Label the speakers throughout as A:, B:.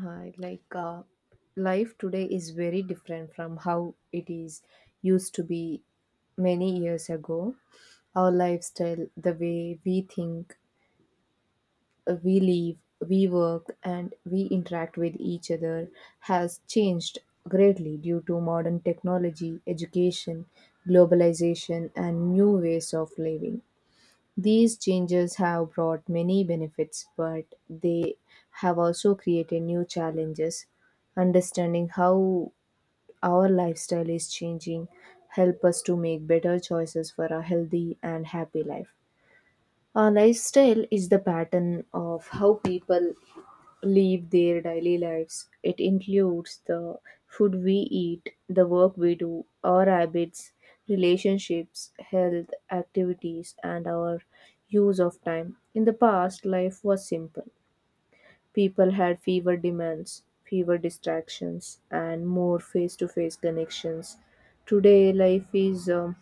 A: Hi, like Life today is very different from how it is used to be many years ago. Our lifestyle, the way we think, we live, we work, and we interact with each other has changed greatly due to modern technology, education, globalization, and new ways of living. These changes have brought many benefits, but they have also created new challenges. Understanding how our lifestyle is changing help us to make better choices for a healthy and happy life. Our lifestyle is the pattern of how people live their daily lives. It includes the food we eat, the work we do, our habits, relationships, health, activities, and our use of time. In the past, life was simple. People had fewer demands, fewer distractions, and more face to face connections. Today, life is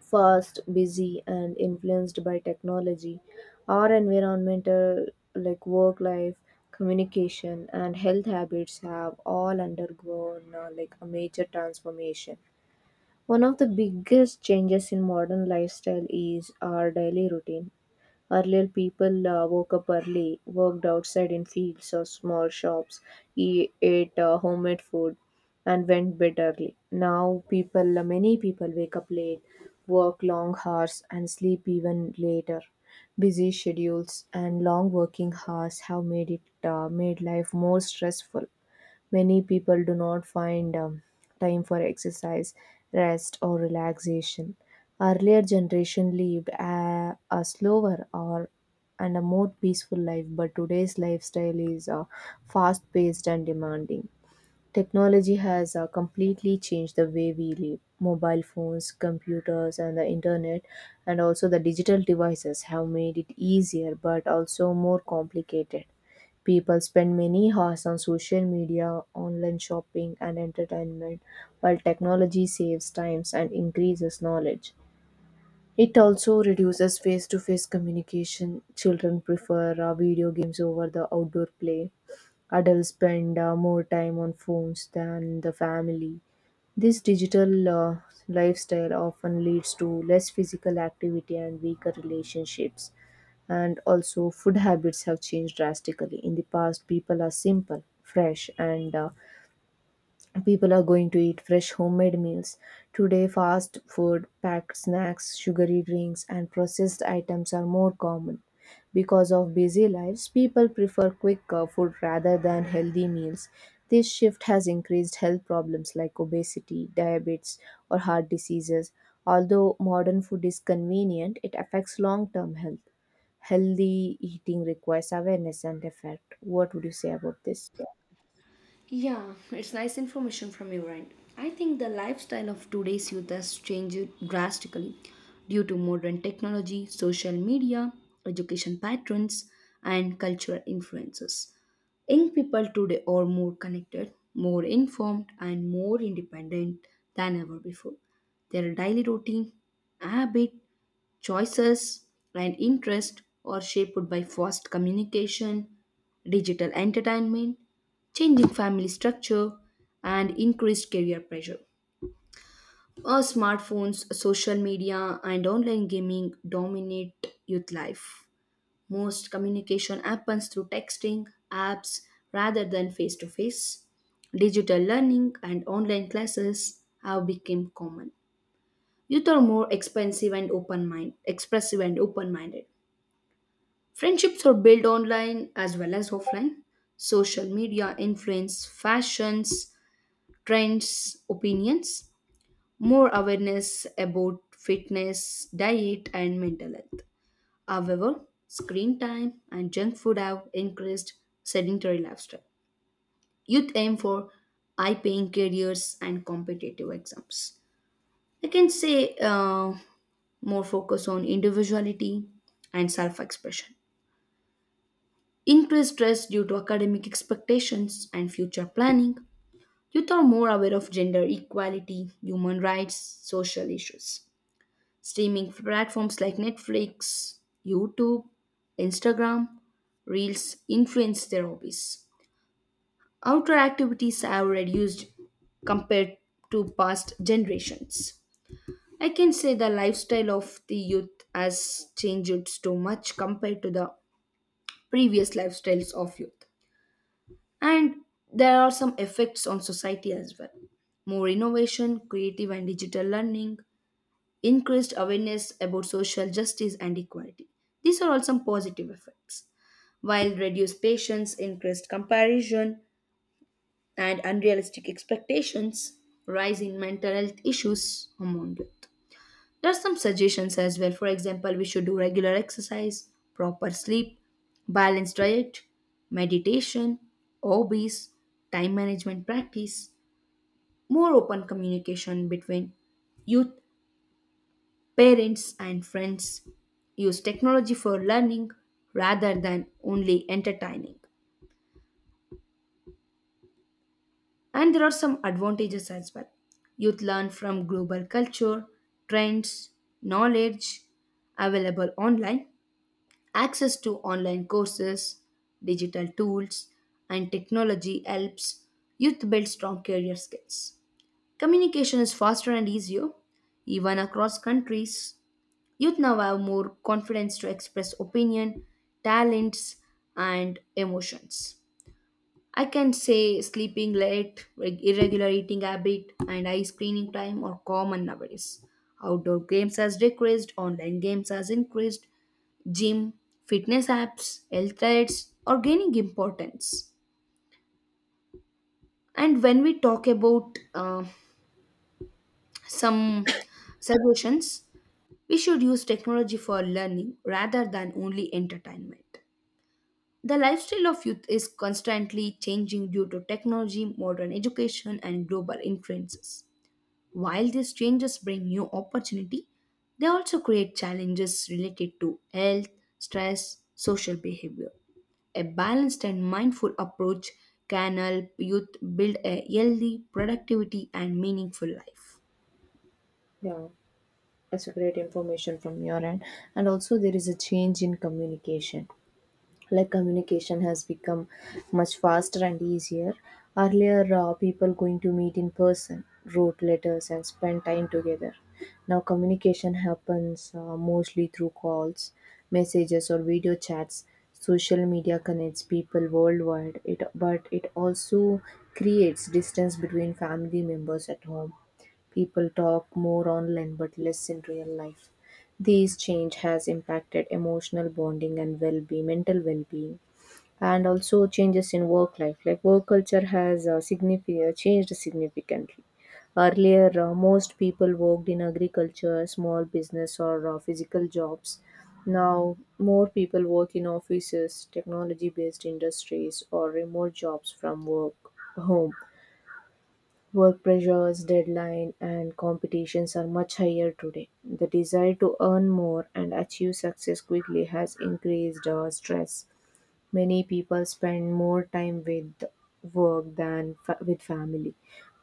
A: fast, busy, and influenced by technology. Our environmental, like work life, communication, and health habits have all undergone a major transformation. One of the biggest changes in modern lifestyle is our daily routine. Earlier, people woke up early, worked outside in fields or small shops, ate homemade food, and went bed early. Now, many people wake up late, work long hours, and sleep even later. Busy schedules and long working hours have made life more stressful. Many people do not find time for exercise, rest, or relaxation. Earlier generation lived a slower or and a more peaceful life, but today's lifestyle is fast-paced and demanding. Technology has completely changed the way we live. Mobile phones, computers, and the internet, and also the digital devices have made it easier but also more complicated. People spend many hours on social media, online shopping, and entertainment, while technology saves times and increases knowledge. It also reduces face to face communication. Children prefer video games over the outdoor play. Adults spend more time on phones than the family. This digital lifestyle often leads to less physical activity and weaker relationships. And also, food habits have changed drastically. In the past, people are simple, fresh, and people are going to eat fresh homemade meals. Today, fast food, packed snacks, sugary drinks, and processed items are more common. Because of busy lives, people prefer quick food rather than healthy meals. This shift has increased health problems like obesity, diabetes, or heart diseases. Although modern food is convenient, it affects long term health. Healthy eating requires awareness and effort. What would you say about this?
B: Yeah, it's nice information from your end. I think the lifestyle of today's youth has changed drastically due to modern technology, social media, education patterns, and cultural influences. Young people today are more connected, more informed, and more independent than ever before. Their daily routine, habit, choices and interest are shaped by fast communication, digital entertainment, changing family structure, and increased career pressure. Our smartphones, social media, and online gaming dominate youth life. Most communication happens through texting, apps, rather than face to face. Digital learning and online classes have become common. Youth are more expensive and open mind, expressive and open minded. Friendships are built online as well as offline. Social media influence fashions, trends, opinions, more awareness about fitness, diet, and mental health. However, screen time and junk food have increased sedentary lifestyle. Youth aim for high paying careers and competitive exams. I can say more focus on individuality and self expression increased stress due to academic expectations and future planning. Youth are more aware of gender equality, human rights, social issues. Streaming platforms like Netflix, YouTube, Instagram, Reels influence their hobbies. Outdoor activities have reduced compared to past generations. I can say the lifestyle of the youth has changed too much compared to the previous lifestyles of youth. And there are some effects on society as well. More innovation, creative and digital learning, increased awareness about social justice and equality. These are all some positive effects. While reduced patience, increased comparison, and unrealistic expectations, rise in mental health issues among youth. There are some suggestions as well. For example, we should do regular exercise, proper sleep, balanced diet, meditation, hobbies, time management practice, more open communication between youth, parents, and friends. Use technology for learning rather than only entertaining. And there are some advantages as well. Youth learn from global culture, trends, knowledge available online. Access to online courses, digital tools, and technology helps youth build strong career skills. Communication is faster and easier, even across countries. Youth now have more confidence to express opinion, talents, and emotions. I can say sleeping late, irregular eating habit, and high screening time are common nowadays. Outdoor games has decreased, online games has increased, gym, fitness apps, health threats are gaining importance. And when we talk about some suggestions, we should use technology for learning rather than only entertainment. The lifestyle of youth is constantly changing due to technology, modern education, and global influences. While these changes bring new opportunity, they also create challenges related to health, stress, social behavior. A balanced and mindful approach can help youth build a healthy productivity and meaningful life.
A: Yeah, it's a great information from your end. And also there is a change in communication, like communication has become much faster and easier. Earlier, people going to meet in person, wrote letters and spent time together. Now communication happens mostly through calls, messages or video chats. Social media connects people worldwide, it but it also creates distance between family members at home. People talk more online but less in real life. These change has impacted emotional bonding and well-being, mental well-being, and also changes in work life. Like work culture has significantly. Earlier, most people worked in agriculture, small business, or physical jobs. Now, more people work in offices, technology based industries, or remote jobs from work home. Work pressures, deadline, and competitions are much higher today. The desire to earn more and achieve success quickly has increased stress. Many people spend more time with work than with family.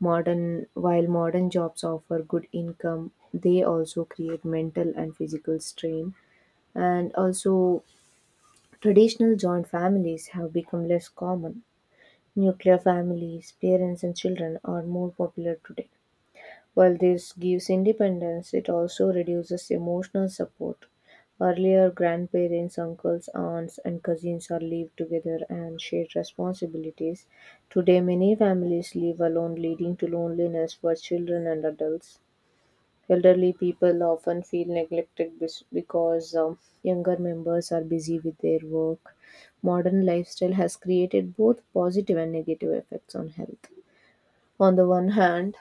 A: Modern while modern jobs offer good income, they also create mental and physical strain. And also, traditional joint families have become less common. Nuclear families, parents and children are more popular today. While this gives independence, it also reduces emotional support. Earlier, grandparents, uncles, aunts, and cousins are lived together and shared responsibilities. Today, many families live alone, leading to loneliness for children and adults. Elderly people often feel neglected because younger members are busy with their work. Modern lifestyle has created both positive and negative effects on health. On the one hand,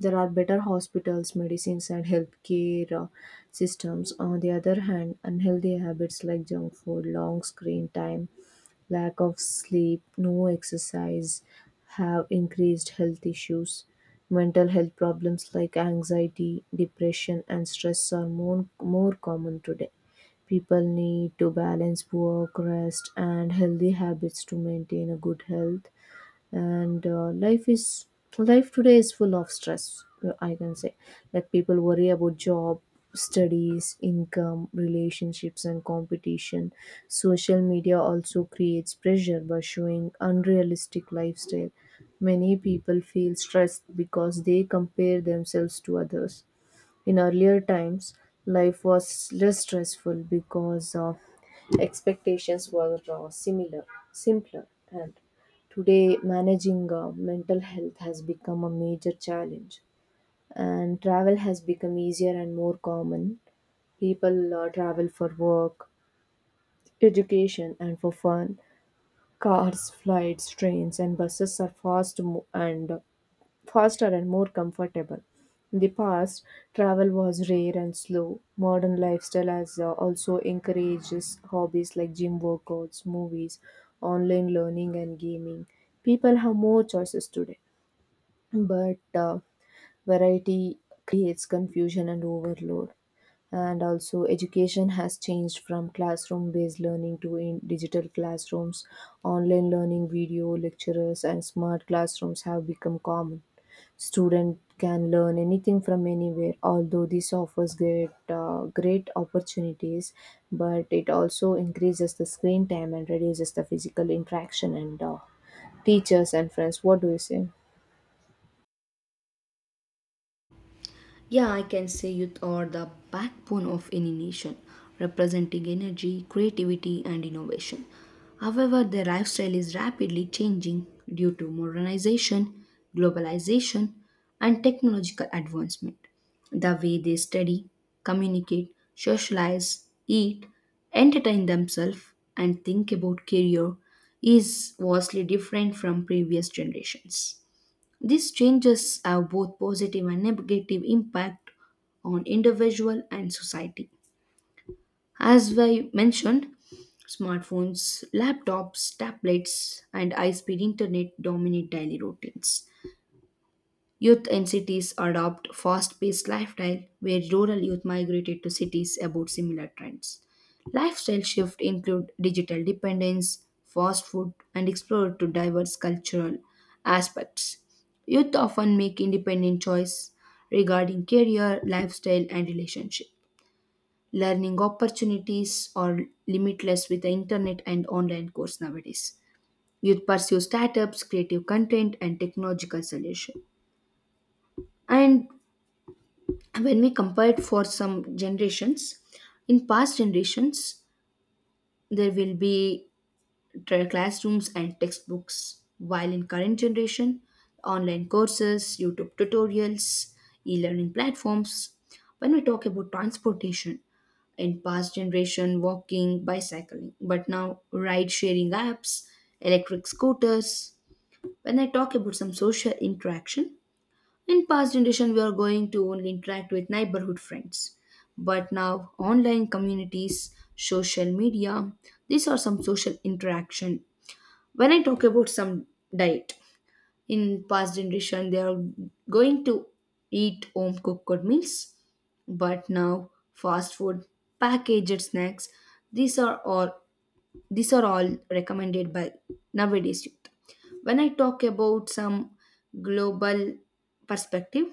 A: there are better hospitals, medicines, and healthcare systems. On the other hand, unhealthy habits like junk food, long screen time, lack of sleep, no exercise have increased health issues. Mental health problems like anxiety, depression, and stress are more common today. People need to balance work, rest, and healthy habits to maintain a good health and life today is full of stress. I can say like people worry about job, studies, income, relationships and competition. Social media also creates pressure by showing unrealistic lifestyle. Many people feel stressed because they compare themselves to others. In earlier times, life was less stressful because expectations were simpler, and today managing mental health has become a major challenge. And travel has become easier and more common. People travel for work, education, and for fun. Cars, flights, trains, and buses are faster and more comfortable. In the past, travel was rare and slow. Modern lifestyle has also encourages hobbies like gym workouts, movies, online learning, and gaming. People have more choices today, but variety creates confusion and overload. And also education has changed from classroom based learning to in digital classrooms, online learning, video lecturers and smart classrooms have become common. Student can learn anything from anywhere. Although this offers great opportunities, but it also increases the screen time and reduces the physical interaction and teachers and friends, what do you say?
B: Yeah, I can say youth are the backbone of any nation, representing energy, creativity, and innovation. However, their lifestyle is rapidly changing due to modernization, globalization, and technological advancement. The way they study, communicate, socialize, eat, entertain themselves, and think about career is vastly different from previous generations. These changes have both positive and negative impact on individual and society. As I mentioned, smartphones, laptops, tablets, and high speed internet dominate daily routines. Youth in cities adopt fast-paced lifestyle where rural youth migrated to cities about similar trends. Lifestyle shift include digital dependence, fast food and explore to diverse cultural aspects. Youth often make independent choice regarding career, lifestyle and relationship. Learning opportunities are limitless with the internet and online course nowadays. Youth pursue startups, creative content and technological solution. And when we compare it for some generations, in past generations there will be classrooms and textbooks, while in current generation online courses, YouTube tutorials, e-learning platforms. When we talk about transportation, in past generation walking, bicycling, but now ride sharing apps, electric scooters. When I talk about some social interaction, in past generation, we are going to only interact with neighborhood friends, but now online communities, social media, these are some social interaction. When I talk about some diet, in past generation they are going to eat home cooked meals, but now fast food, packaged snacks, these are all these are all recommended by nowadays youth. When I talk about some global perspective,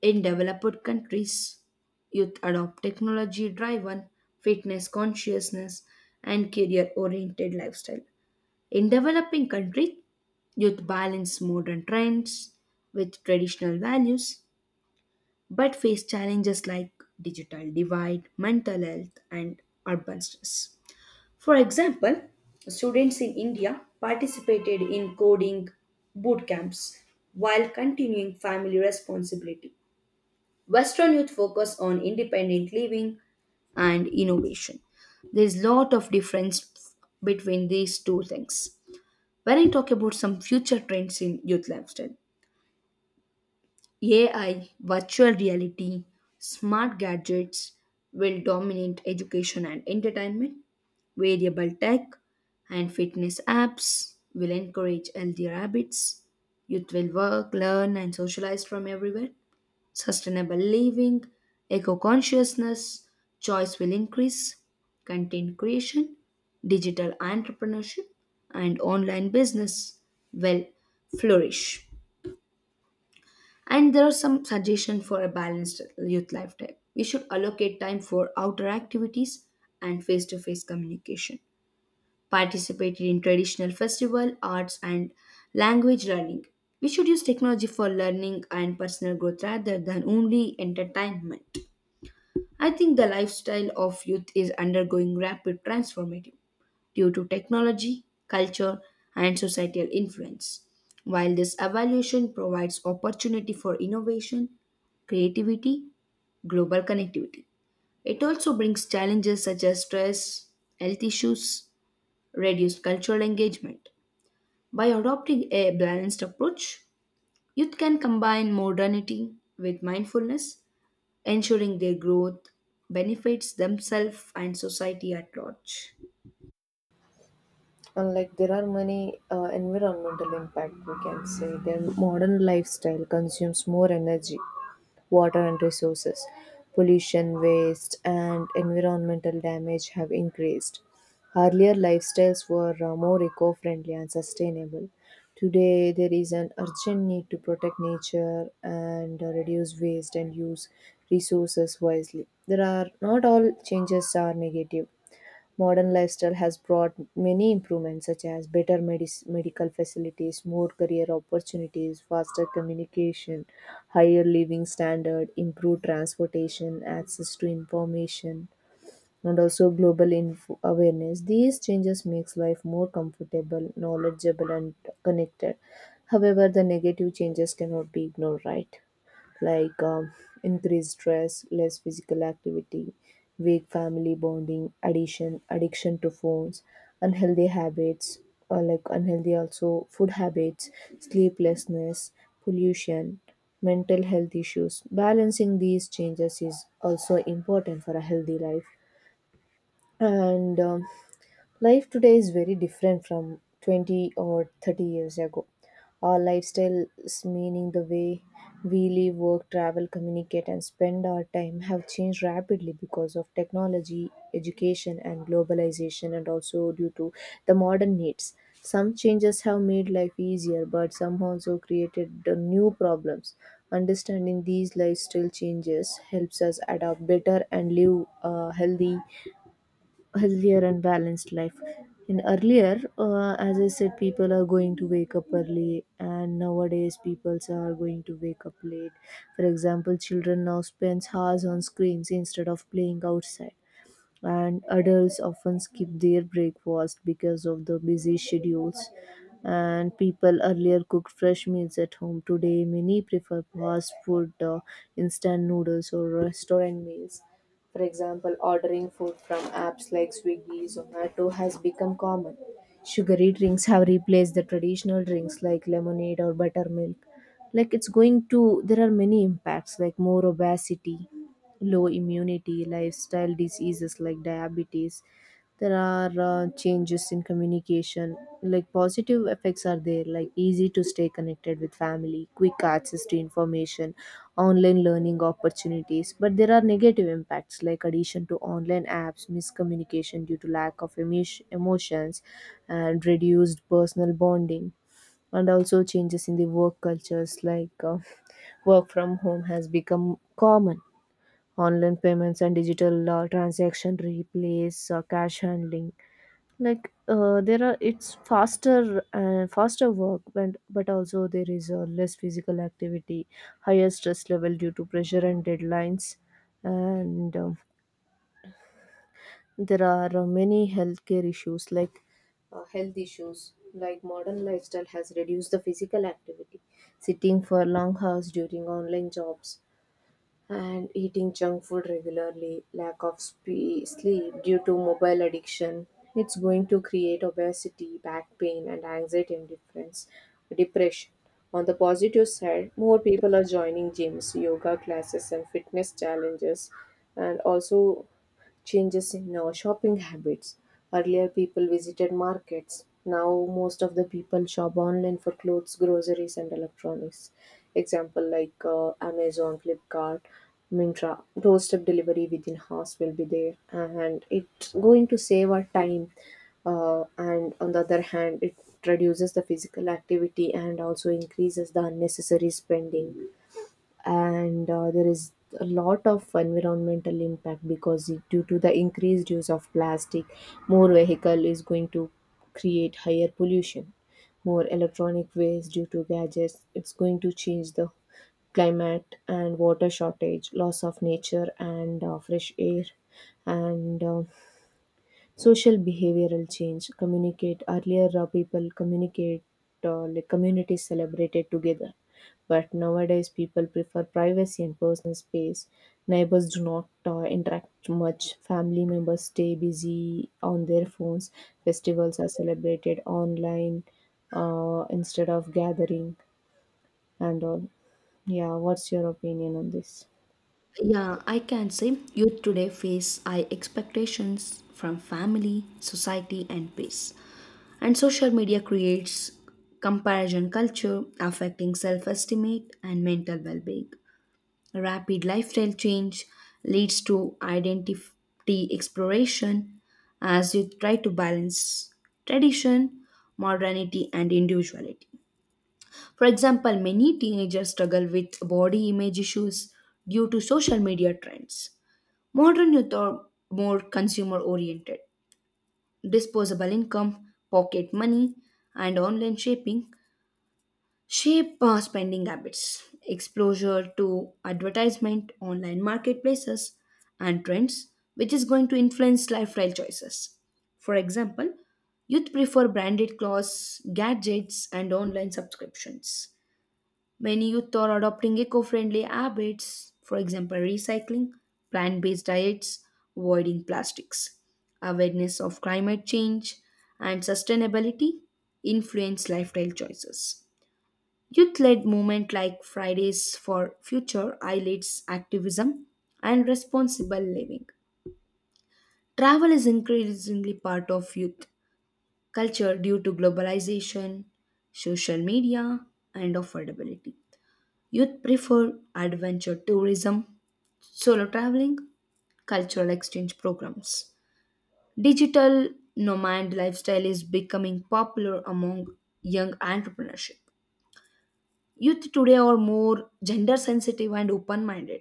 B: in developed countries, youth adopt technology driven, fitness consciousness, and career oriented lifestyle. In developing countries, youth balance modern trends with traditional values but face challenges like digital divide, mental health, and urban stress. For example, students in India participated in coding boot camps while continuing family responsibility. Western youth focus on independent living and innovation. There's lot of difference between these two things. When I talk about some future trends in youth lifestyle, AI, virtual reality, smart gadgets will dominate education and entertainment. Variable tech and fitness apps will encourage healthier habits. Youth will work, learn, and socialize from everywhere. Sustainable living, eco consciousness, choice will increase, content creation, digital entrepreneurship, and online business will flourish. And there are some suggestions for a balanced youth lifestyle. We should allocate time for outdoor activities and face to face communication. Participate in traditional festival, arts, and language learning. We should use technology for learning and personal growth rather than only entertainment. I think the lifestyle of youth is undergoing rapid transformation due to technology, culture, and societal influence. While this evolution provides opportunity for innovation, creativity, global connectivity. It also brings challenges such as stress, health issues, reduced cultural engagement. By adopting a balanced approach, youth can combine modernity with mindfulness ensuring their growth benefits themselves and society at large.
A: And like there are many environmental impact we can say their modern lifestyle consumes more energy, water and resources. Pollution, waste and environmental damage have increased. Earlier lifestyles were more eco-friendly and sustainable. Today there is an urgent need to protect nature and reduce waste and use resources wisely. There are not all changes are negative. Modern lifestyle has brought many improvements, such as better medical facilities, more career opportunities, faster communication, higher living standard, improved transportation, access to information, and also global info awareness. These changes makes life more comfortable, knowledgeable and connected. However, the negative changes cannot be ignored, right? Like increased stress, less physical activity, weak family bonding, addiction to phones, unhealthy habits, or like unhealthy also food habits, sleeplessness, pollution, mental health issues. Balancing these changes is also important for a healthy life and life today is very different from 20 or 30 years ago. Our lifestyle is meaning the way we live, work, travel, communicate and spend our time have changed rapidly because of technology, education and globalization, and also due to the modern needs. Some changes have made life easier but some also created the new problems. Understanding these lifestyle changes helps us adapt better and live a healthy healthier and balanced life. In earlier, as I said, people are going to wake up early and nowadays people are going to wake up late. For example, children now spends hours on screens instead of playing outside, and adults often skip their breakfast because of the busy schedules. And people earlier cooked fresh meals at home, today many prefer fast food, instant noodles or restaurant meals. For example, ordering food from apps like Swiggy, Zomato has become common. Sugary drinks have replaced the traditional drinks like lemonade or buttermilk. Like it's going to there are many impacts like more obesity, low immunity, lifestyle diseases like diabetes. There are changes in communication. Like positive effects are there, like easy to stay connected with family, quick access to information, online learning opportunities. But there are negative impacts like addition to online apps, miscommunication due to lack of emotions, and reduced personal bonding. And also changes in the work cultures like work from home has become common. Online payments and digital transaction replace cash handling. Like there are it's faster work but also there is less physical activity, higher stress level due to pressure and deadlines. And there are many healthcare issues like health issues like modern lifestyle has reduced the physical activity, sitting for long hours during online jobs and eating junk food regularly, lack of sleep due to mobile addiction. It's going to create obesity, back pain, and anxiety and difference, depression. On the positive side, more people are joining gyms, yoga classes, and fitness challenges, and also changes in our shopping habits. Earlier, people visited markets. Now, most of the people shop online for clothes, groceries, and electronics. Example like Amazon, Flipkart, Mintra. Doorstep delivery within house will be there, and it's going to save our time. And on the other hand, it reduces the physical activity and also increases the unnecessary spending and there is a lot of environmental impact because due to the increased use of plastic, more vehicle is going to create higher pollution, more electronic waste due to gadgets. It's going to change the climate and water shortage, loss of nature and fresh air, and social behavioral change. Communicate earlier People communicate, like, communities celebrated together, but nowadays people prefer privacy and personal space. Neighbors do not interact much. Family members stay busy on their phones. Festivals are celebrated online instead of gathering and all. Yeah, what's your opinion on this?
B: Yeah, I can say youth today face high expectations from family, society, and peers. And social media creates comparison culture affecting self esteem and mental well being. Rapid lifestyle change leads to identity exploration as you try to balance tradition, modernity, and individuality. For example, many teenagers struggle with body image issues due to social media trends. Modern youth are more consumer oriented. Disposable income, pocket money, and online shopping shape spending habits. Exposure to advertisement, online marketplaces, and trends, which is going to influence lifestyle choices. For example, youth prefer branded clothes, gadgets, and online subscriptions. Many youth are adopting eco friendly habits, for example, recycling, plant based diets, avoiding plastics. Awareness of climate change and sustainability influence lifestyle choices. Youth led movement like Fridays for Future highlights activism and responsible living. Travel is increasingly part of youth culture due to globalization, social media, and affordability. Youth prefer adventure tourism, solo traveling, cultural exchange programs. Digital nomad lifestyle is becoming popular among young entrepreneurship. Youth today are more gender sensitive and open minded.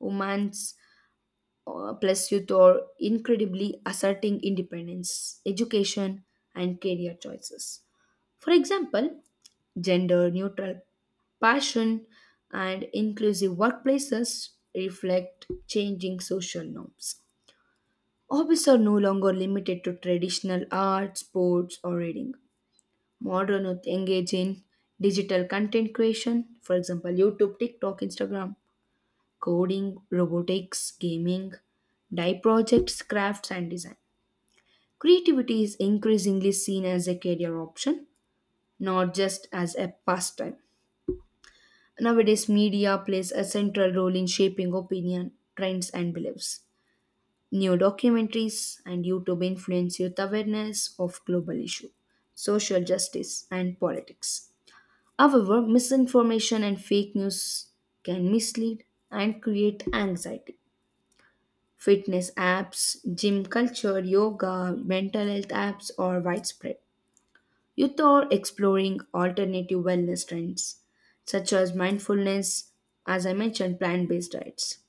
B: Women plus youth are incredibly asserting independence, education, and career choices. For example, gender neutral passion and inclusive workplaces reflect changing social norms. Hobbies are no longer limited to traditional art, sports, or reading. Modern youth engage in digital content creation, for example, YouTube, TikTok, Instagram, coding, robotics, gaming, dye projects, crafts, and design. Creativity is increasingly seen as a career option, not just as a pastime. Nowadays, media plays a central role in shaping opinion, trends, and beliefs. New documentaries and YouTube influence youth awareness of global issues, social justice, and politics. However, misinformation and fake news can mislead and create anxiety. Fitness apps, gym culture, yoga, mental health apps are widespread. Youth are exploring alternative wellness trends such as mindfulness, as I mentioned, plant based diets.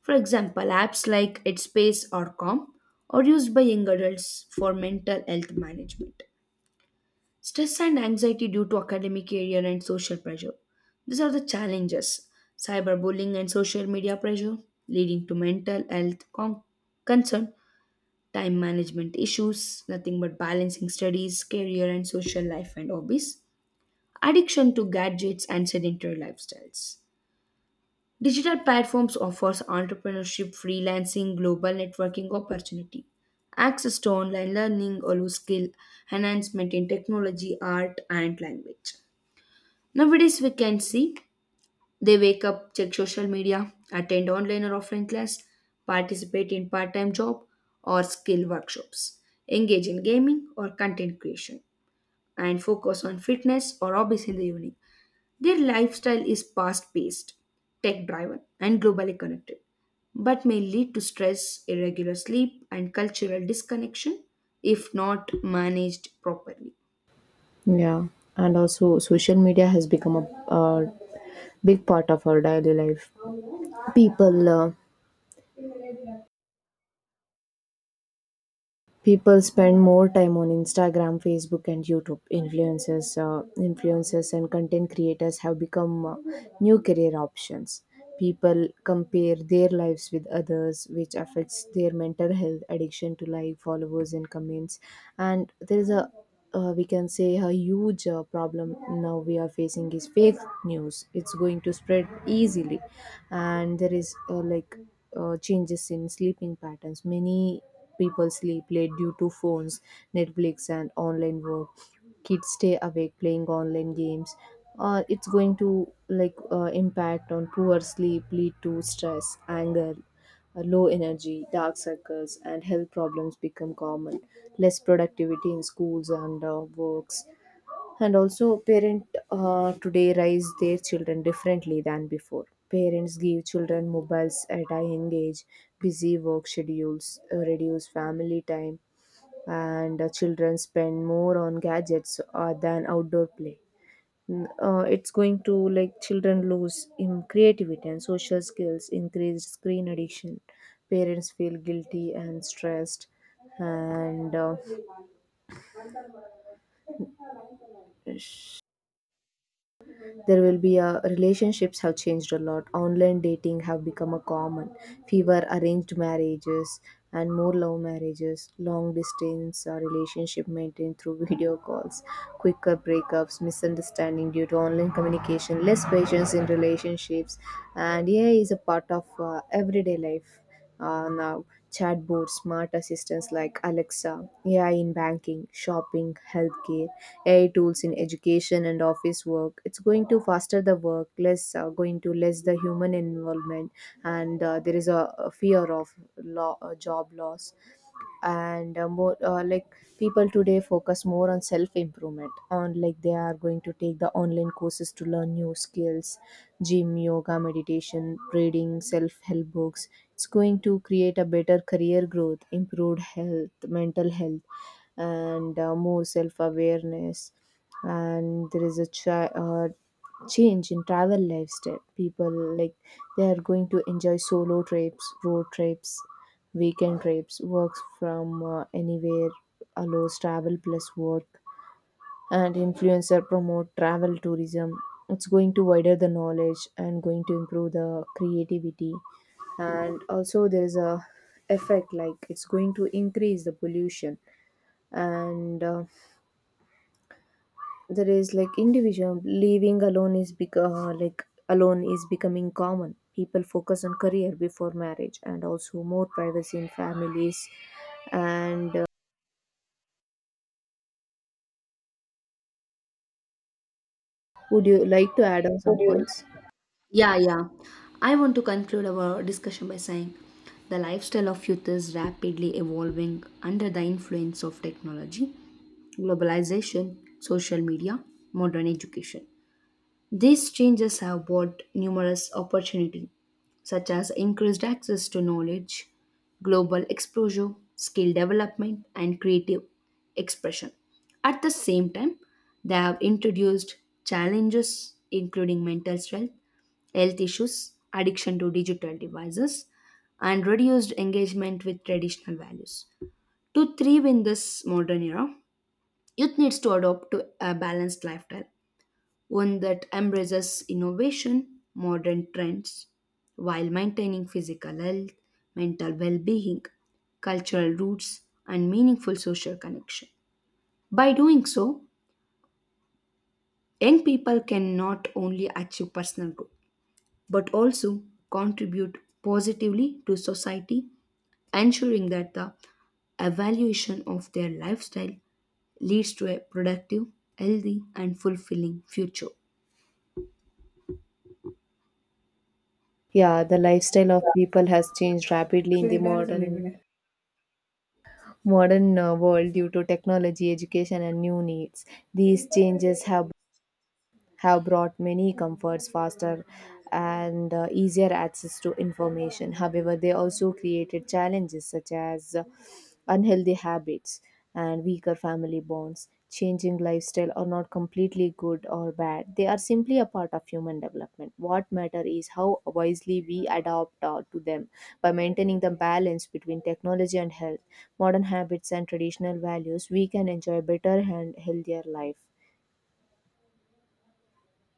B: For example, apps like Headspace or Calm are used by young adults for mental health management. Stress and anxiety due to academic career and social pressure. These are the challenges cyberbullying and social media pressure, leading to mental health concern, time management issues, nothing but balancing studies, career, and social life and hobbies, addiction to gadgets and sedentary lifestyles. Digital platforms offers entrepreneurship, freelancing, global networking opportunity, access to online learning, all skill enhancement in technology, art, and language. Nowadays, we can see they wake up, check social media, attend online or offline class, participate in part time job or skill workshops, engage in gaming or content creation, and focus on fitness or hobbies in the evening. Their lifestyle is fast paced, tech driven, and globally connected, but may lead to stress, irregular sleep, and cultural disconnection if not managed properly.
A: Yeah, and also social media has become a big part of our daily life. people uh, People spend more time on Instagram, Facebook, and YouTube influencers. Influencers and content creators have become new career options. People compare their lives with others, which affects their mental health, addiction to like followers and comments. And there is a, we can say, a huge problem now we are facing, is fake news. It's going to spread easily. And there is, changes in sleeping patterns. Many people sleep late due to phones, Netflix, and online work. Kids stay awake playing online games. It's going to, like, impact on poor sleep, lead to stress, anger, low energy, dark circles, and health problems become common. Less productivity in schools and works. And also, parents today raise their children differently than before. Parents give children mobiles at a young age, busy work schedules, reduce family time, and children spend more on gadgets than outdoor play. It's going to, like, children lose in creativity and social skills, increased screen addiction, parents feel guilty and stressed. And There will be a, relationships have changed a lot. Online dating have become a common, fewer arranged marriages and more love marriages, long distance relationship maintained through video calls, quicker breakups, misunderstanding due to online communication, less patience in relationships. And AI is a part of everyday life now. Chatbots, smart assistants like Alexa, AI in banking, shopping, healthcare, AI tools in education and office work. It's going to faster the work, less, going to less the human involvement, and there is a fear of law, job loss, and more like people today focus more on self improvement. On like they are going to take the online courses to learn new skills, gym, yoga, meditation, reading self help books. It's going to create a better career growth, improved health, mental health, and more self awareness. And there is a change in travel lifestyle. People, like, they are going to enjoy solo trips, road trips, weekend trips. Works from anywhere allows travel plus work, and influencer promote travel tourism. It's going to wider the knowledge and going to improve the creativity. And also there is a effect, like, it's going to increase the pollution. And there is, like, individual living alone is bec- like alone is becoming common. People focus on career before marriage, and also more privacy in families. And would you like to add on some
B: Would you
A: points?
B: Yeah, yeah. I want to conclude our discussion by saying the lifestyle of youth is rapidly evolving under the influence of technology, globalization, social media, modern education. These changes have brought numerous opportunities, such as increased access to knowledge, global exposure, skill development, and creative expression. At the same time, they have introduced challenges including mental health, health issues, addiction to digital devices, and reduced engagement with traditional values. To thrive in this modern era, youth needs to adopt to a balanced lifestyle one that embraces innovation, modern trends, while maintaining physical health, mental well being, cultural roots, and meaningful social connection. By doing so, young people can not only achieve personal growth but also contribute positively to society, ensuring that the evaluation of their lifestyle leads to a productive, healthy, and fulfilling future.
A: Yeah, the lifestyle of people has changed rapidly in the modern, yes, modern world due to technology, education, and new needs. These changes have brought many comforts, faster and easier access to information. However, they also created challenges such as unhealthy habits and weaker family bonds. Changing lifestyle are not completely good or bad. They are simply a part of human development. What matter is how wisely we adapt to them. By maintaining the balance between technology and health, modern habits and traditional values, we can enjoy better and healthier life.